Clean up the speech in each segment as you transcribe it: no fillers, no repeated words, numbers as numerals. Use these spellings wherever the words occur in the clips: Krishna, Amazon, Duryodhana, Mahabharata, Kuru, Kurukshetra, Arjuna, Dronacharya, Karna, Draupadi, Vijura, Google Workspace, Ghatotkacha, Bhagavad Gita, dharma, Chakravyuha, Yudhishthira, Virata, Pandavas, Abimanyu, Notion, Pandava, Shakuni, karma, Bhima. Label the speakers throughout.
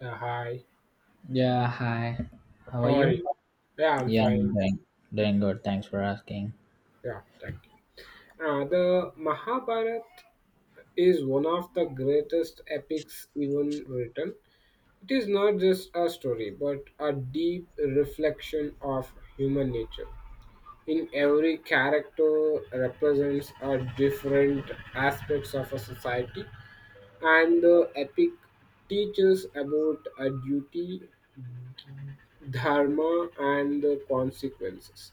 Speaker 1: Hi,
Speaker 2: Yeah, hi. How are
Speaker 1: how are
Speaker 2: you?
Speaker 1: you? Yeah, I'm
Speaker 2: Yeah,
Speaker 1: fine.
Speaker 2: I'm doing good. Thanks for asking.
Speaker 1: Yeah, thank you. The Mahabharata is one of the greatest epics even written. It is not just a story, but a deep reflection of human nature. In every character represents a different aspects of a society, and the epic teaches about a duty dharma and the consequences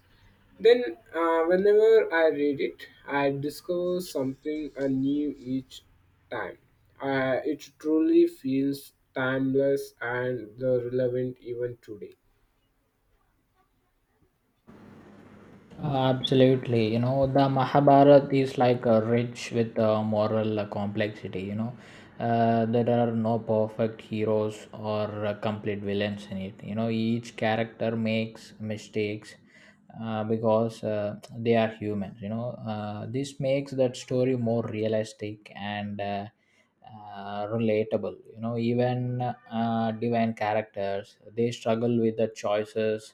Speaker 1: then whenever I read it I discover something new each time it truly feels timeless and the relevant even today
Speaker 2: Absolutely, you know the Mahabharata is like rich with moral complexity. There are no perfect heroes or complete villains in it. You know, each character makes mistakes because they are humans. This makes that story more realistic and relatable. You know, even divine characters they struggle with the choices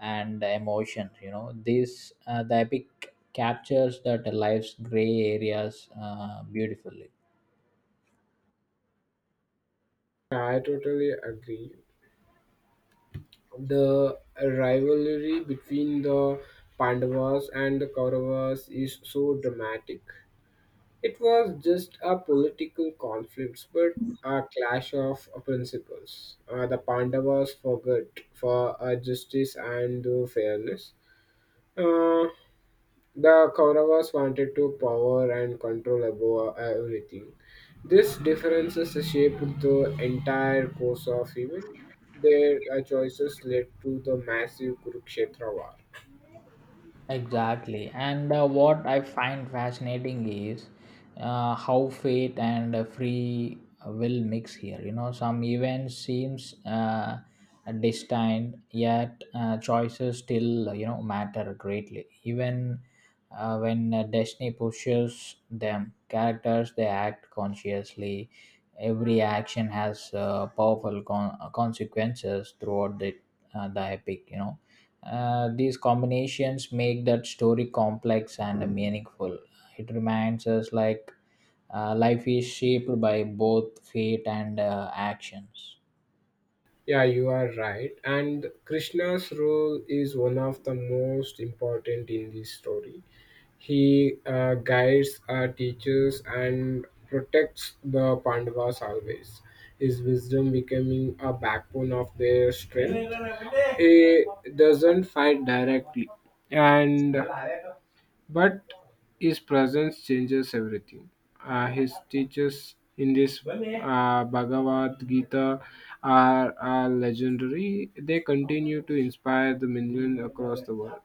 Speaker 2: and emotion. You know this the epic captures that life's gray areas beautifully.
Speaker 1: I totally agree the rivalry between the pandavas and the kauravas is so dramatic. It was just a political conflict, but a clash of principles. The Pandavas forgot for justice and fairness. Uh, the Kauravas wanted to power and control above everything. These differences shaped the entire course of event. Their choices led to the massive Kurukshetra war.
Speaker 2: Exactly. And what I find fascinating is how fate and free will mix here. You know, some events seems destined, yet choices still you know matter greatly. Even when destiny pushes them, characters they act consciously. Every action has powerful consequences throughout the epic. You know these combinations make that story complex and meaningful. It reminds us like life is shaped by both fate and actions.
Speaker 1: Yeah, you are right. And Krishna's role is one of the most important in this story. He guides, teaches, and protects the Pandavas always. His wisdom becoming a backbone of their strength. He doesn't fight directly, and but his presence changes everything. His teachers in this Bhagavad Gita are legendary. They continue to inspire the million across the world.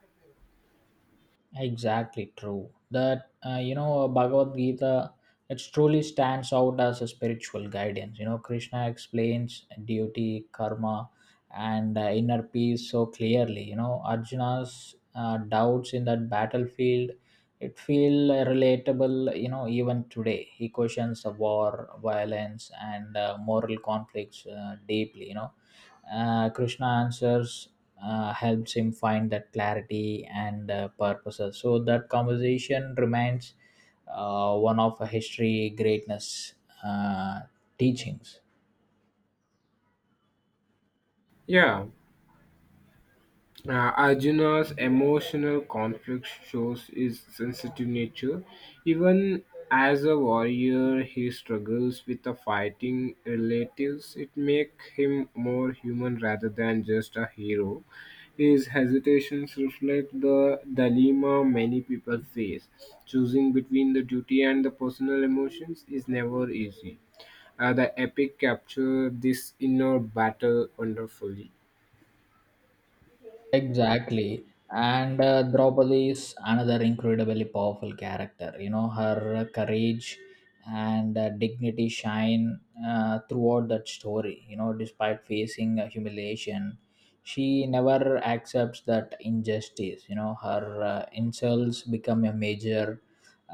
Speaker 2: Exactly true. That you know Bhagavad Gita, it truly stands out as a spiritual guidance. You know Krishna explains duty, karma, and inner peace so clearly. You know Arjuna's doubts in that battlefield, it feel relatable. You know even today he questions the war, violence, and moral conflicts deeply. You know Krishna answers helps him find that clarity and purposes. So that conversation remains one of a history greatness uh, teachings.
Speaker 1: Yeah, Arjuna's emotional conflict shows his sensitive nature. Even as a warrior, he struggles with the fighting relatives. It makes him more human rather than just a hero. His hesitations reflect the dilemma many people face. Choosing between the duty and the personal emotions is never easy. The epic capture this inner battle wonderfully.
Speaker 2: Exactly. And Draupadi is another incredibly powerful character. You know, her courage and dignity shine throughout that story. You know, despite facing humiliation, she never accepts that injustice. You know, her insults become a major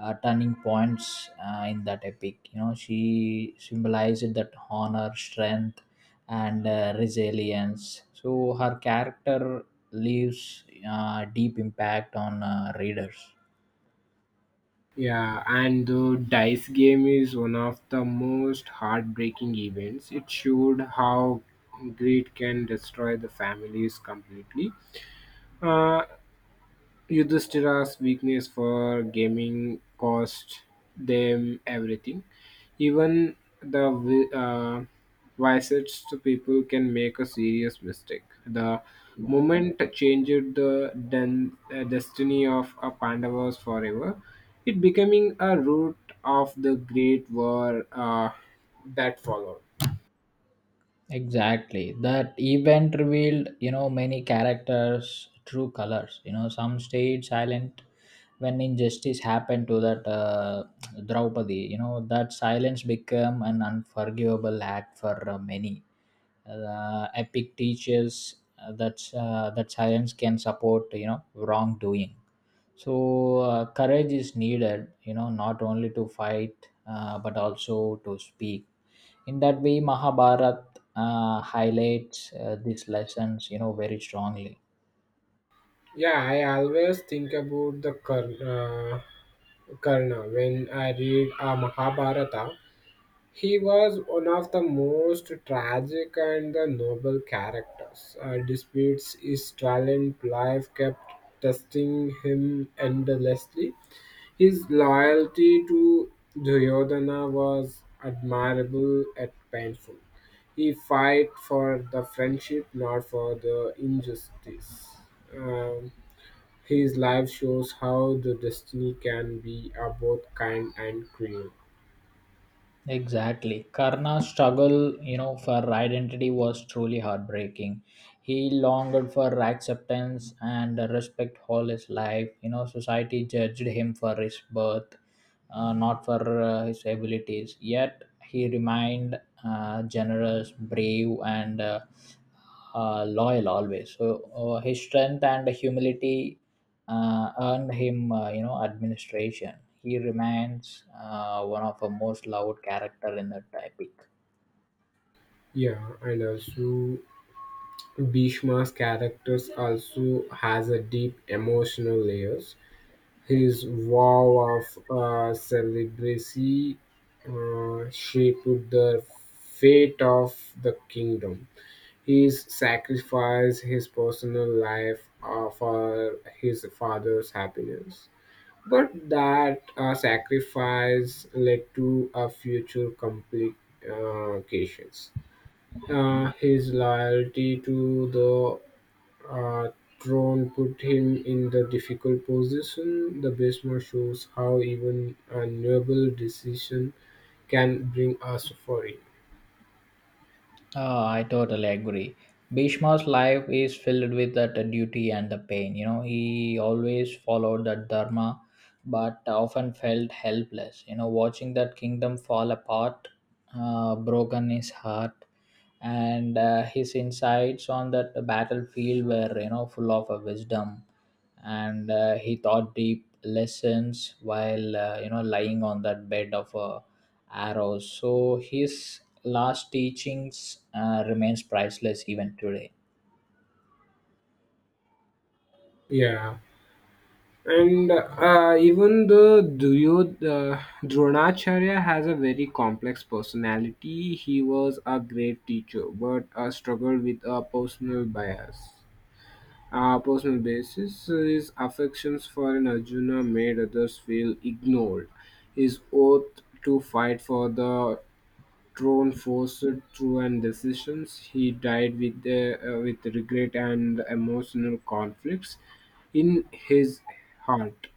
Speaker 2: turning points in that epic. You know, she symbolized that honor, strength, and resilience. So her character leaves deep impact on readers.
Speaker 1: Yeah, and the dice game is one of the most heartbreaking events. It showed how greed can destroy the families completely. Uh, Yudhishthira's weakness for gaming cost them everything. Even the wisest people can make a serious mistake. The moment changed the destiny of a Pandavas forever. It becoming a root of the great war that followed.
Speaker 2: Exactly, that event revealed, you know, many characters true colors. You know some stayed silent when injustice happened to that Draupadi. You know that silence became an unforgivable act for many. Epic teaches that silence can support, you know, wrongdoing. So courage is needed, you know, not only to fight but also to speak. In that way Mahabharat highlights these lessons, you know, very strongly.
Speaker 1: Yeah, I always think about the Karna when I read Mahabharata. He was one of the most tragic and the noble characters. Despite his talent, life kept testing him endlessly. His loyalty to Duryodhana was admirable and painful. He fight for the friendship, not for the injustice. Um, his life shows how the destiny can be both kind and cruel.
Speaker 2: Exactly. Karna's struggle, you know, for identity was truly heartbreaking. He longed for acceptance and respect all his life. You know, society judged him for his birth, not for his abilities. Yet he remained generous, brave, and loyal always. So his strength and humility earned him, you know, administration. He remains one of the most loved character in the epic.
Speaker 1: Yeah, and also Bhishma's characters also has a deep emotional layers. His vow of celibacy shaped the fate of the kingdom. He sacrificed his personal life for his father's happiness. But that sacrifice led to a future complications. His loyalty to the uh, throne put him in the difficult position. The basement shows how even a noble decision can bring us suffering.
Speaker 2: Ah, I totally agree. Bhishma's life is filled with that duty and the pain. You know, he always followed that dharma, but often felt helpless. You know, watching that kingdom fall apart, broken his heart, and his insights on that battlefield were, you know, full of wisdom, and he taught deep lessons while you know lying on that bed of a arrows. So his last teachings remains priceless even today.
Speaker 1: Yeah, and even though Dronacharya has a very complex personality, he was a great teacher but struggled with a personal bias. Our personal basis, his affections for an Arjuna made others feel ignored. His oath to fight for the throne forced through and decisions. He died with regret and emotional conflicts in his heart,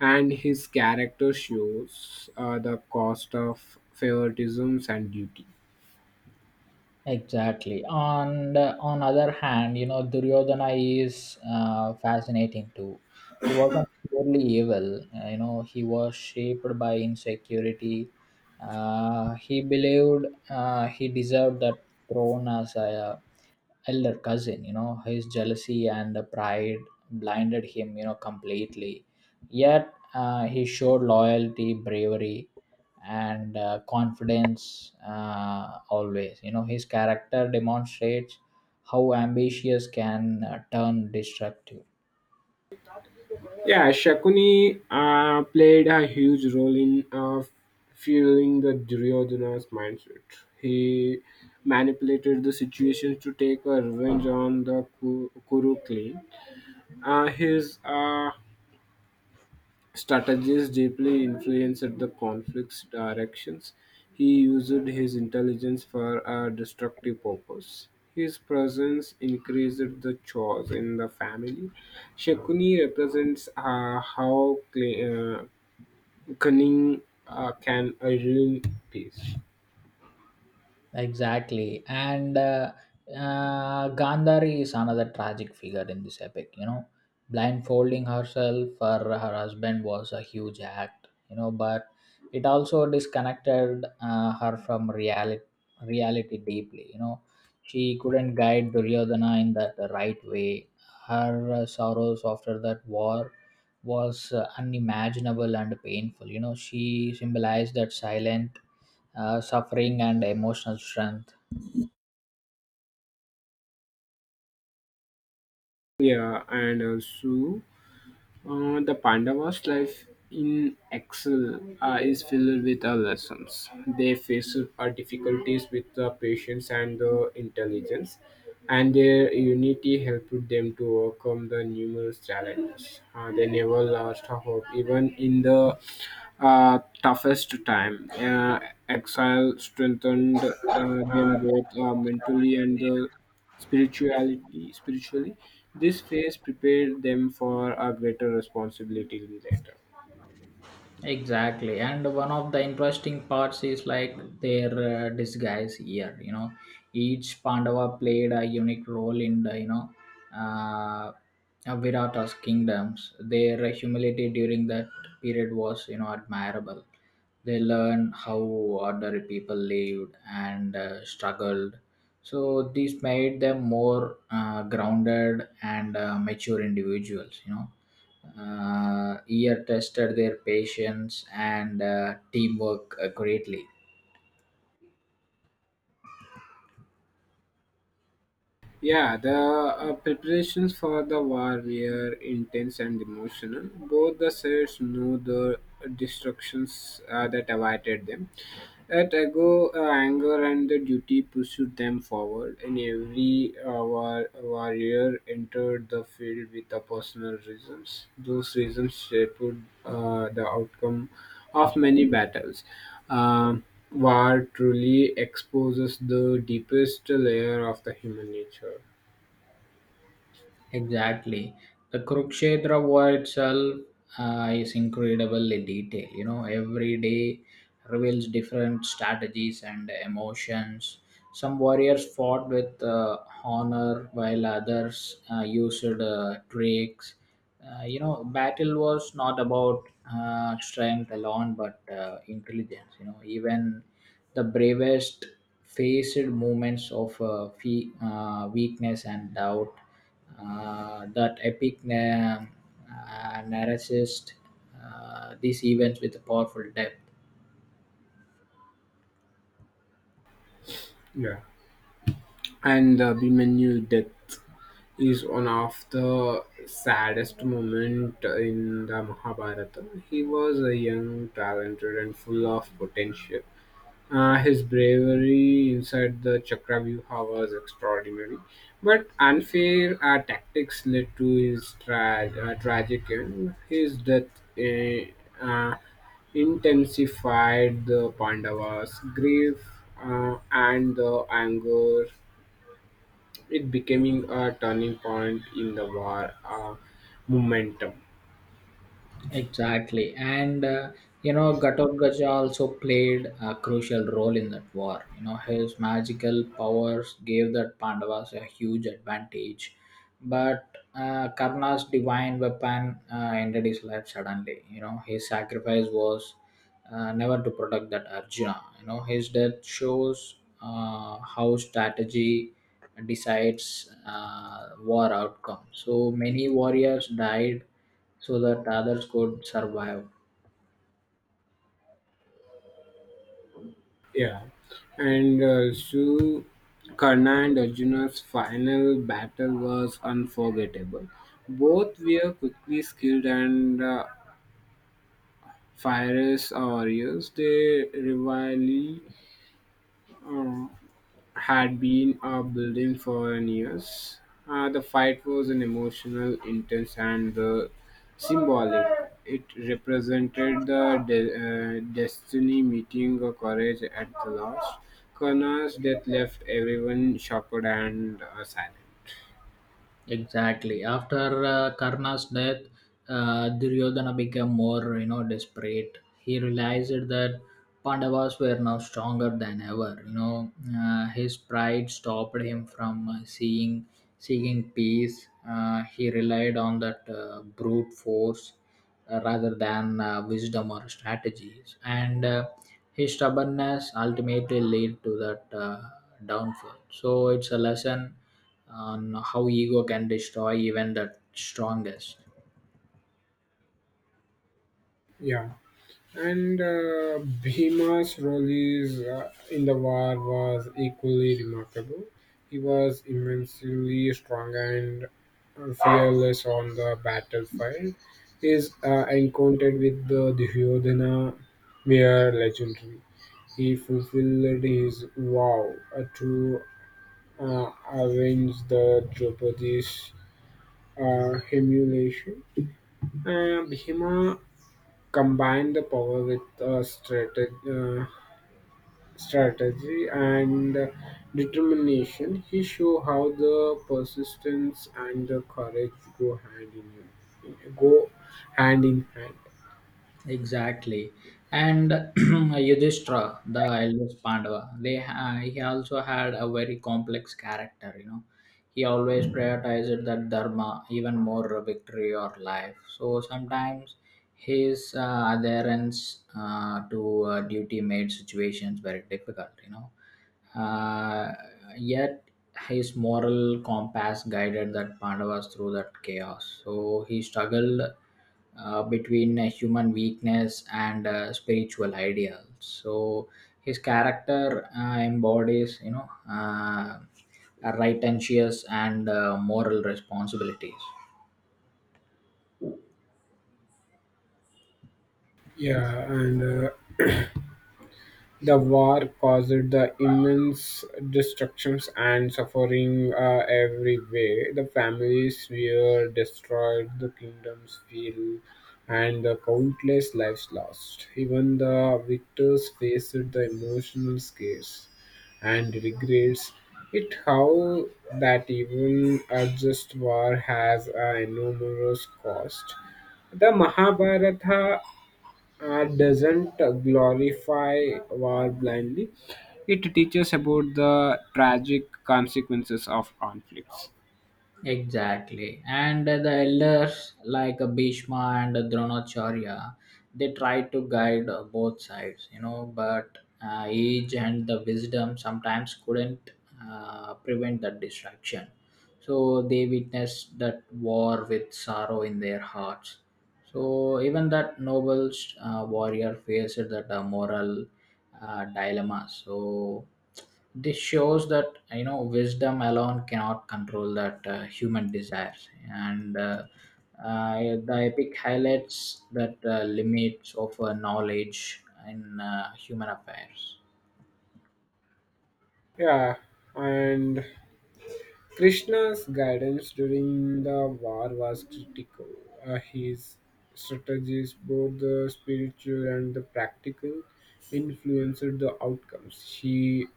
Speaker 1: and his character shows the cost of favoritisms and duty.
Speaker 2: Exactly. On other hand, you know Duryodhana is fascinating too. He wasn't purely evil. You know he was shaped by insecurity. He believed he deserved that throne as a elder cousin. You know his jealousy and pride blinded him, you know, completely. Yet he showed loyalty, bravery, and confidence always. You know his character demonstrates how ambitious can turn destructive.
Speaker 1: Yeah, Shakuni played a huge role in fueling the Duryodhana's mindset. He manipulated the situation to take a revenge on the Kuru clan. His strategies deeply influenced the conflict's directions. He used his intelligence for a destructive purpose. His presence increased the chores in the family. Shakuni represents how uh, cunning can ruin peace.
Speaker 2: Exactly. And Gandhari is another tragic figure in this epic. You know, blindfolding herself for her husband was a huge act, you know, but it also disconnected her from reality, reality deeply. You know, she couldn't guide Duryodhana in that right way. Her sorrows after that war was unimaginable and painful. You know, she symbolized that silent suffering and emotional strength.
Speaker 1: Yeah, and Sue. The Pandavas' life in exile is filled with lessons. They faced difficulties with patience and intelligence, and their unity helped them to overcome the numerous challenges. They never lost hope, even in the toughest time. Exile strengthened them both mentally and spirituality spiritually. This phase prepared them for a greater responsibility later.
Speaker 2: Exactly, and one of the interesting parts is like their disguise here. You know, each Pandava played a unique role in the uh, uh, Virata's kingdoms. Their humility during that period was, you know, admirable. They learned how ordinary people lived and struggled. So this made them more grounded and mature individuals. You know year tested their patience and teamwork greatly.
Speaker 1: Yeah, the preparations for the war were intense and emotional. Both the sides knew the destructions that awaited them. At ago, anger and the duty pursued them forward, and every warrior entered the field with the personal reasons. Those reasons shaped the outcome of many battles. War truly exposes the deepest layer of the human nature.
Speaker 2: Exactly. The Kurukshetra war itself is incredible in detail. You know, every day reveals different strategies and emotions. Some warriors fought with honor, while others used tricks. You know, battle was not about strength alone, but intelligence. You know, even the bravest faced moments of weakness and doubt. That epic. And narrates these events with powerful depth.
Speaker 1: Yeah. And the Abimanyu death is one of the saddest moment in the Mahabharata. He was a young, talented, and full of potential. His bravery inside the Chakravyuha was extraordinary, but unfair tactics led to his tragic end. His death eh, uh, intensified the Pandavas' grief and the anger. It becoming a turning point in the war momentum.
Speaker 2: Exactly, and you know, Ghatotkacha also played a crucial role in that war. You know, his magical powers gave the Pandavas a huge advantage, but Karna's divine weapon ended his life suddenly. You know, his sacrifice was never to protect that Arjuna. You know, his death shows how strategy decides war outcome. So many warriors died so that others could survive.
Speaker 1: Yeah, and so Karna and Arjuna's final battle was unforgettable. Both were quickly skilled and fierce warriors. They rivally had been building for years. The fight was an emotional, intense, and symbolic. It represented the destiny meeting of courage at the last. Karna's death left everyone shocked and silent.
Speaker 2: Exactly. After Karna's death, Duryodhana became more, you know, desperate. He realized that Pandavas were now stronger than ever. You know, his pride stopped him from seeing seeking peace. He relied on that brute force rather than wisdom or strategies, and his stubbornness ultimately led to that downfall. So it's a lesson on how ego can destroy even the strongest.
Speaker 1: Yeah, and Bhima's role is, in the war was equally remarkable. He was immensely strong and fearless on the battlefield. His encounter with the Duryodhana were legendary. He fulfilled his vow to avenge the Draupadi's humiliation. Bhima combined the power with uh, strategy and determination. He show how the persistence and the courage go hand in hand go hand in hand.
Speaker 2: Exactly, and Yudhishthira, the eldest Pandava, he also had a very complex character. You know he always prioritized that dharma even more victory or life. So sometimes his adherence to duty made situations very difficult. Uh, Yet his moral compass guided that Pandavas through that chaos. So he struggled between human weakness and spiritual ideals. So his character embodies, righteous and moral responsibilities.
Speaker 1: Yeah, and the war caused the immense destructions and suffering everywhere. The families were destroyed, the kingdoms fell, and the countless lives lost. Even the victors faced the emotional scares and regrets. It how that even a just war has an enormous cost. The Mahabharata art doesn't glorify war blindly. It teaches about the tragic consequences of conflicts.
Speaker 2: Exactly. And the elders like Bhishma and Dronacharya, they try to guide both sides, you know, but age and the wisdom sometimes couldn't prevent that distraction. So they witnessed that war with sorrow in their hearts. So even that noble warrior faced that moral dilemma. So this shows that you know wisdom alone cannot control that human desires, and uh, the epic highlights that limits of knowledge in human affairs.
Speaker 1: Yeah, and Krishna's guidance during the war was critical. His strategies, both the spiritual and the practical, influenced the outcomes. He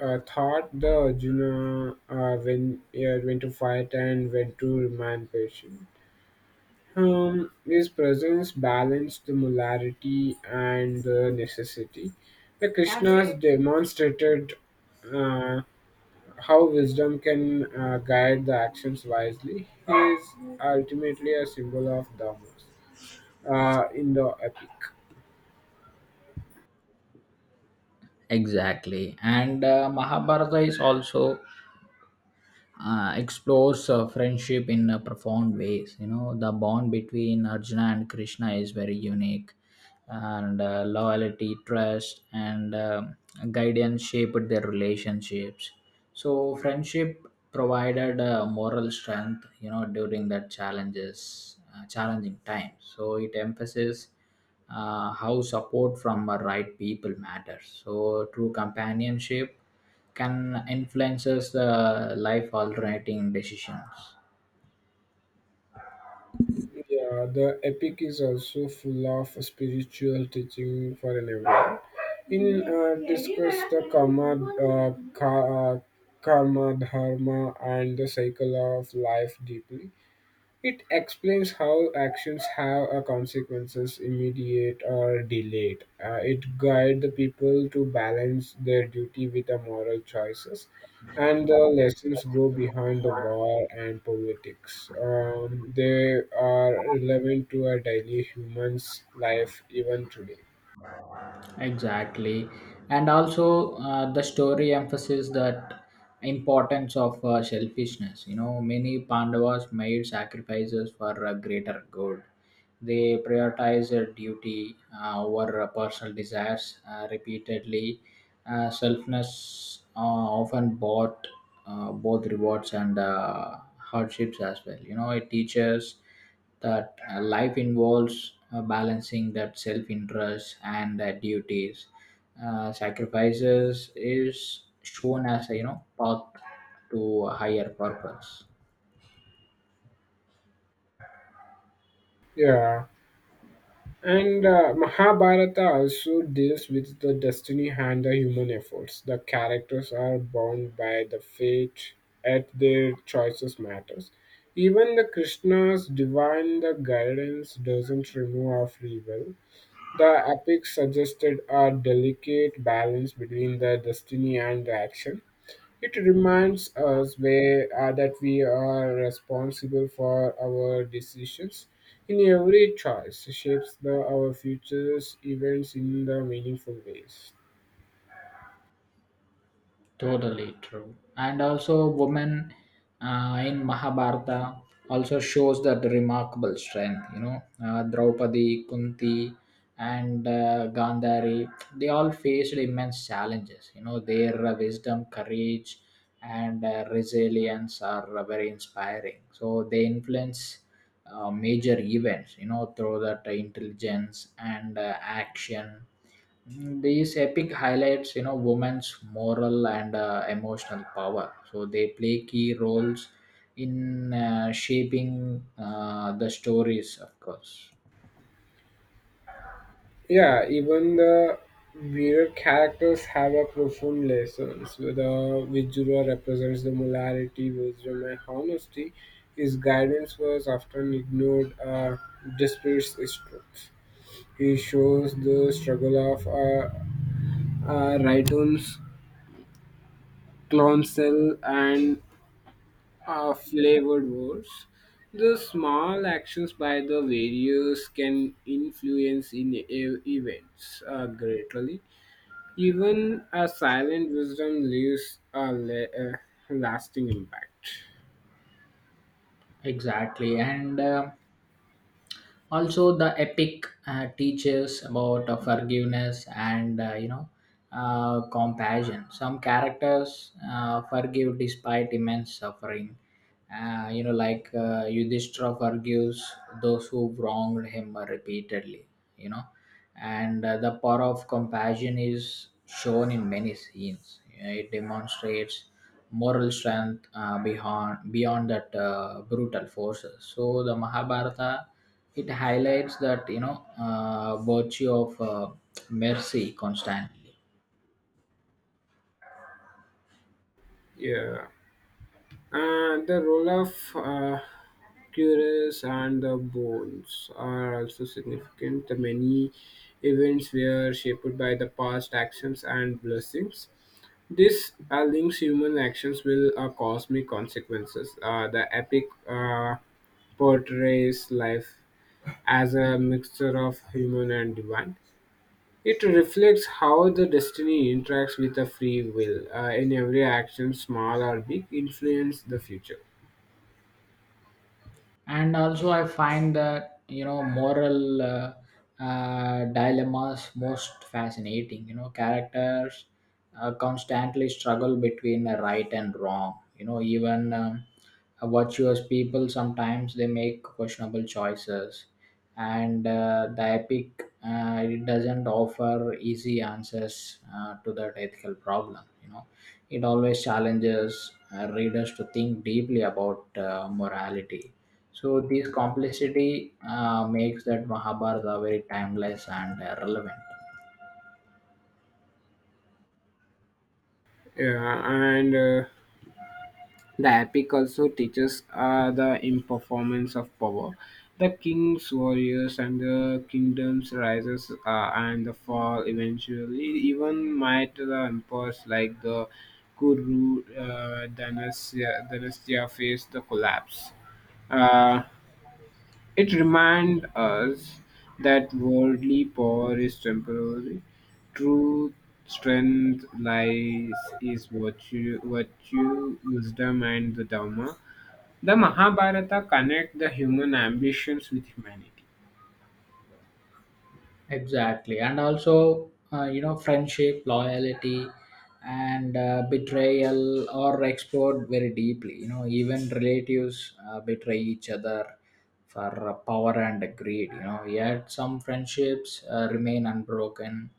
Speaker 1: thought the Arjuna uh, when when to fight and when to remain patient. His presence balanced the molarity and the necessity. The Krishnas demonstrated uh, how wisdom can guide the actions wisely. He is ultimately a symbol of dharmas in the epic.
Speaker 2: Exactly, and Mahabharata is also explores friendship in profound ways. You know, the bond between Arjuna and Krishna is very unique, and loyalty, trust, and guidance shaped their relationships. So, friendship provided moral strength. You know, during that challenging times. So, it emphasizes how support from the right people matters. So true companionship can influences the life alternating decisions.
Speaker 1: Yeah, the epic is also full of spiritual teaching for an everyone. In discuss the uh, karma, dharma, and the cycle of life deeply. It explains how actions have a consequences, immediate or delayed. It guides the people to balance their duty with the moral choices, and the lessons go behind the war and politics. They are relevant to our daily humans' life even today.
Speaker 2: Exactly, and also the story emphasizes that importance of selfishness. You know, many Pandavas made sacrifices for a greater good. They prioritize their duty over personal desires repeatedly. Selfness often bought both rewards and hardships as well. You know, it teaches that life involves balancing that self interest and duties. Sacrifices is shown as a, you know, path to a higher purpose.
Speaker 1: Yeah. And Mahabharata also deals with the destiny and the human efforts. The characters are bound by the fate at their choices matters. Even the Krishna's divine the guidance doesn't remove our free will. The epic suggested a delicate balance between the destiny and the action. It reminds us where, that we are responsible for our decisions. In every choice shapes the, our futures events in the meaningful ways.
Speaker 2: Totally true. And also, women in Mahabharata also shows that remarkable strength. You know, Draupadi, Kunti, and Gandhari, they all faced immense challenges. You know, their wisdom, courage, and resilience are very inspiring. So they influence major events. You know, through that intelligence and action. Mm, these epic highlights, you know, women's moral and emotional power. So they play key roles in shaping the stories, of course.
Speaker 1: Yeah, even the mirror characters have a profound lessons. The Vijura represents the morality, wisdom, and honesty. His guidance was often ignored, despite its truth. He shows the struggle of rightums Cloncel and flavored words. The small actions by the various can influence in events greatly. Even a silent wisdom leaves a, a lasting impact.
Speaker 2: Exactly, and. Also the epic teaches about forgiveness and, you know, compassion. Some characters forgive despite immense suffering, you know, like Yudhishthira forgives those who wronged him repeatedly, you know. And the power of compassion is shown in many scenes. You know, it demonstrates moral strength beyond that brutal forces. So the Mahabharata, it highlights that you know virtue of mercy constantly.
Speaker 1: Yeah, and the role of curious and the bones are also significant. The many events were shaped by the past actions and blessings. This links human actions with cosmic consequences. The epic portrays life as a mixture of human and divine. It reflects how the destiny interacts with the free will. In every action, small or big, influence the future.
Speaker 2: And also I find that you know moral dilemmas most fascinating. You know characters constantly struggle between a right and wrong. You know even virtuous people sometimes they make questionable choices. And the epic, it doesn't offer easy answers to that ethical problem. You know it always challenges readers to think deeply about morality. So this complexity makes that Mahabharata very timeless and relevant.
Speaker 1: Yeah, and the epic also teaches the imperformance of power. The king's warriors and the kingdom's rises and the fall eventually even might the empires like the Kuru dynasty face the collapse. Uh, it reminds us that worldly power is temporary. True strength lies is virtue, wisdom, and the Dharma. The Mahabharata connect the human ambitions with humanity.
Speaker 2: Exactly, and also you know friendship, loyalty, and betrayal are explored very deeply. You know even relatives betray each other for power and greed. You know yet some friendships remain unbroken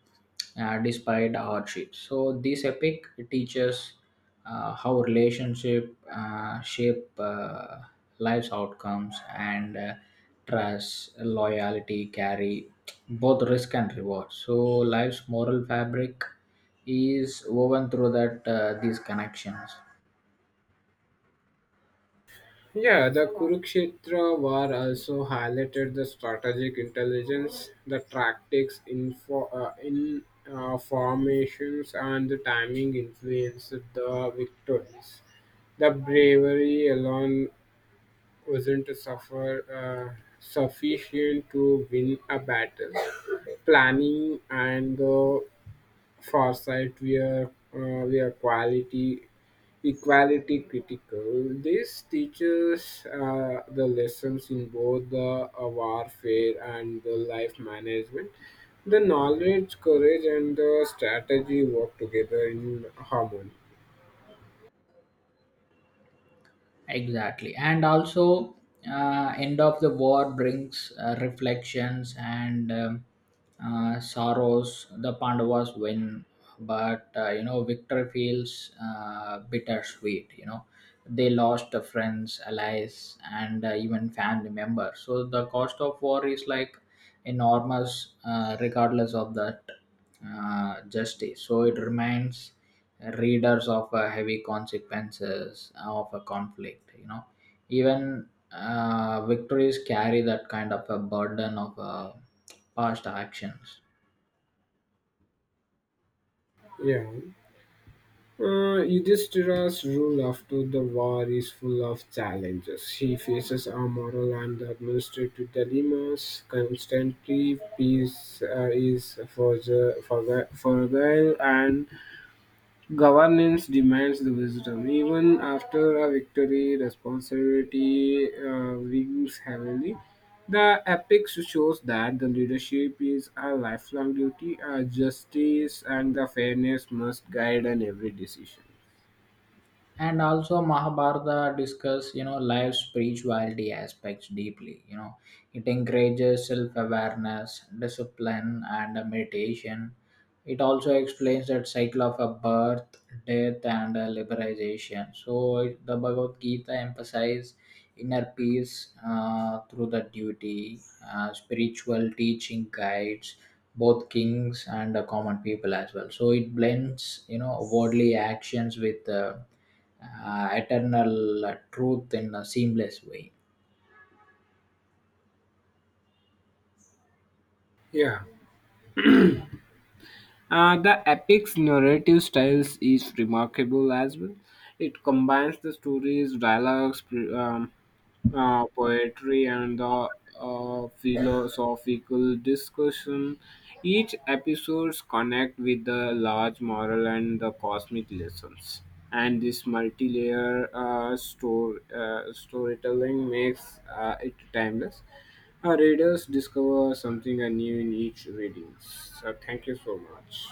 Speaker 2: despite hardship. So this epic teaches how relationship shape life's outcomes and trust, loyalty carry both risk and reward. So life's moral fabric is woven through that these connections.
Speaker 1: Yeah, the Kurukshetra war also highlighted the strategic intelligence, the tactics, info, in formations, and the timing influenced the victories. The bravery alone wasn't sufficient to win a battle. Planning and the foresight were equality critical. This teaches the lessons in both the warfare and the life management. The knowledge, courage, and the strategy work together in harmony.
Speaker 2: Exactly. And also, end of the war brings reflections and sorrows. The Pandavas win, but you know, victory feels bittersweet. You know, they lost the friends, allies, and even family members. So the cost of war is like enormous, regardless of that justice. So it remains readers of heavy consequences of a conflict. You know even victories carry that kind of a burden of past actions.
Speaker 1: Yeah. Yudhishthira's rule after the war is full of challenges. He faces a moral and administrative dilemmas constantly. Peace is fragile, and governance demands the wisdom. Even after a victory, responsibility wings heavily. The epics shows that the leadership is a lifelong duty, justice and the fairness must guide in every decision.
Speaker 2: And also Mahabharata discuss you know life's spirituality aspects deeply. You know it encourages self-awareness discipline and meditation. It also explains that cycle of a birth death and liberation. So the Bhagavad Gita emphasizes inner peace through the duty, spiritual teaching guides both kings and common people as well. So it blends, you know, worldly actions with eternal truth in a seamless way.
Speaker 1: Yeah. The epic's narrative styles is remarkable as well. It combines the stories, dialogues, poetry, and the philosophical discussion. Each episodes connect with the large moral and the cosmic lessons. And this multi-layer storytelling makes it timeless. Our readers discover something new in each reading. So thank you so much.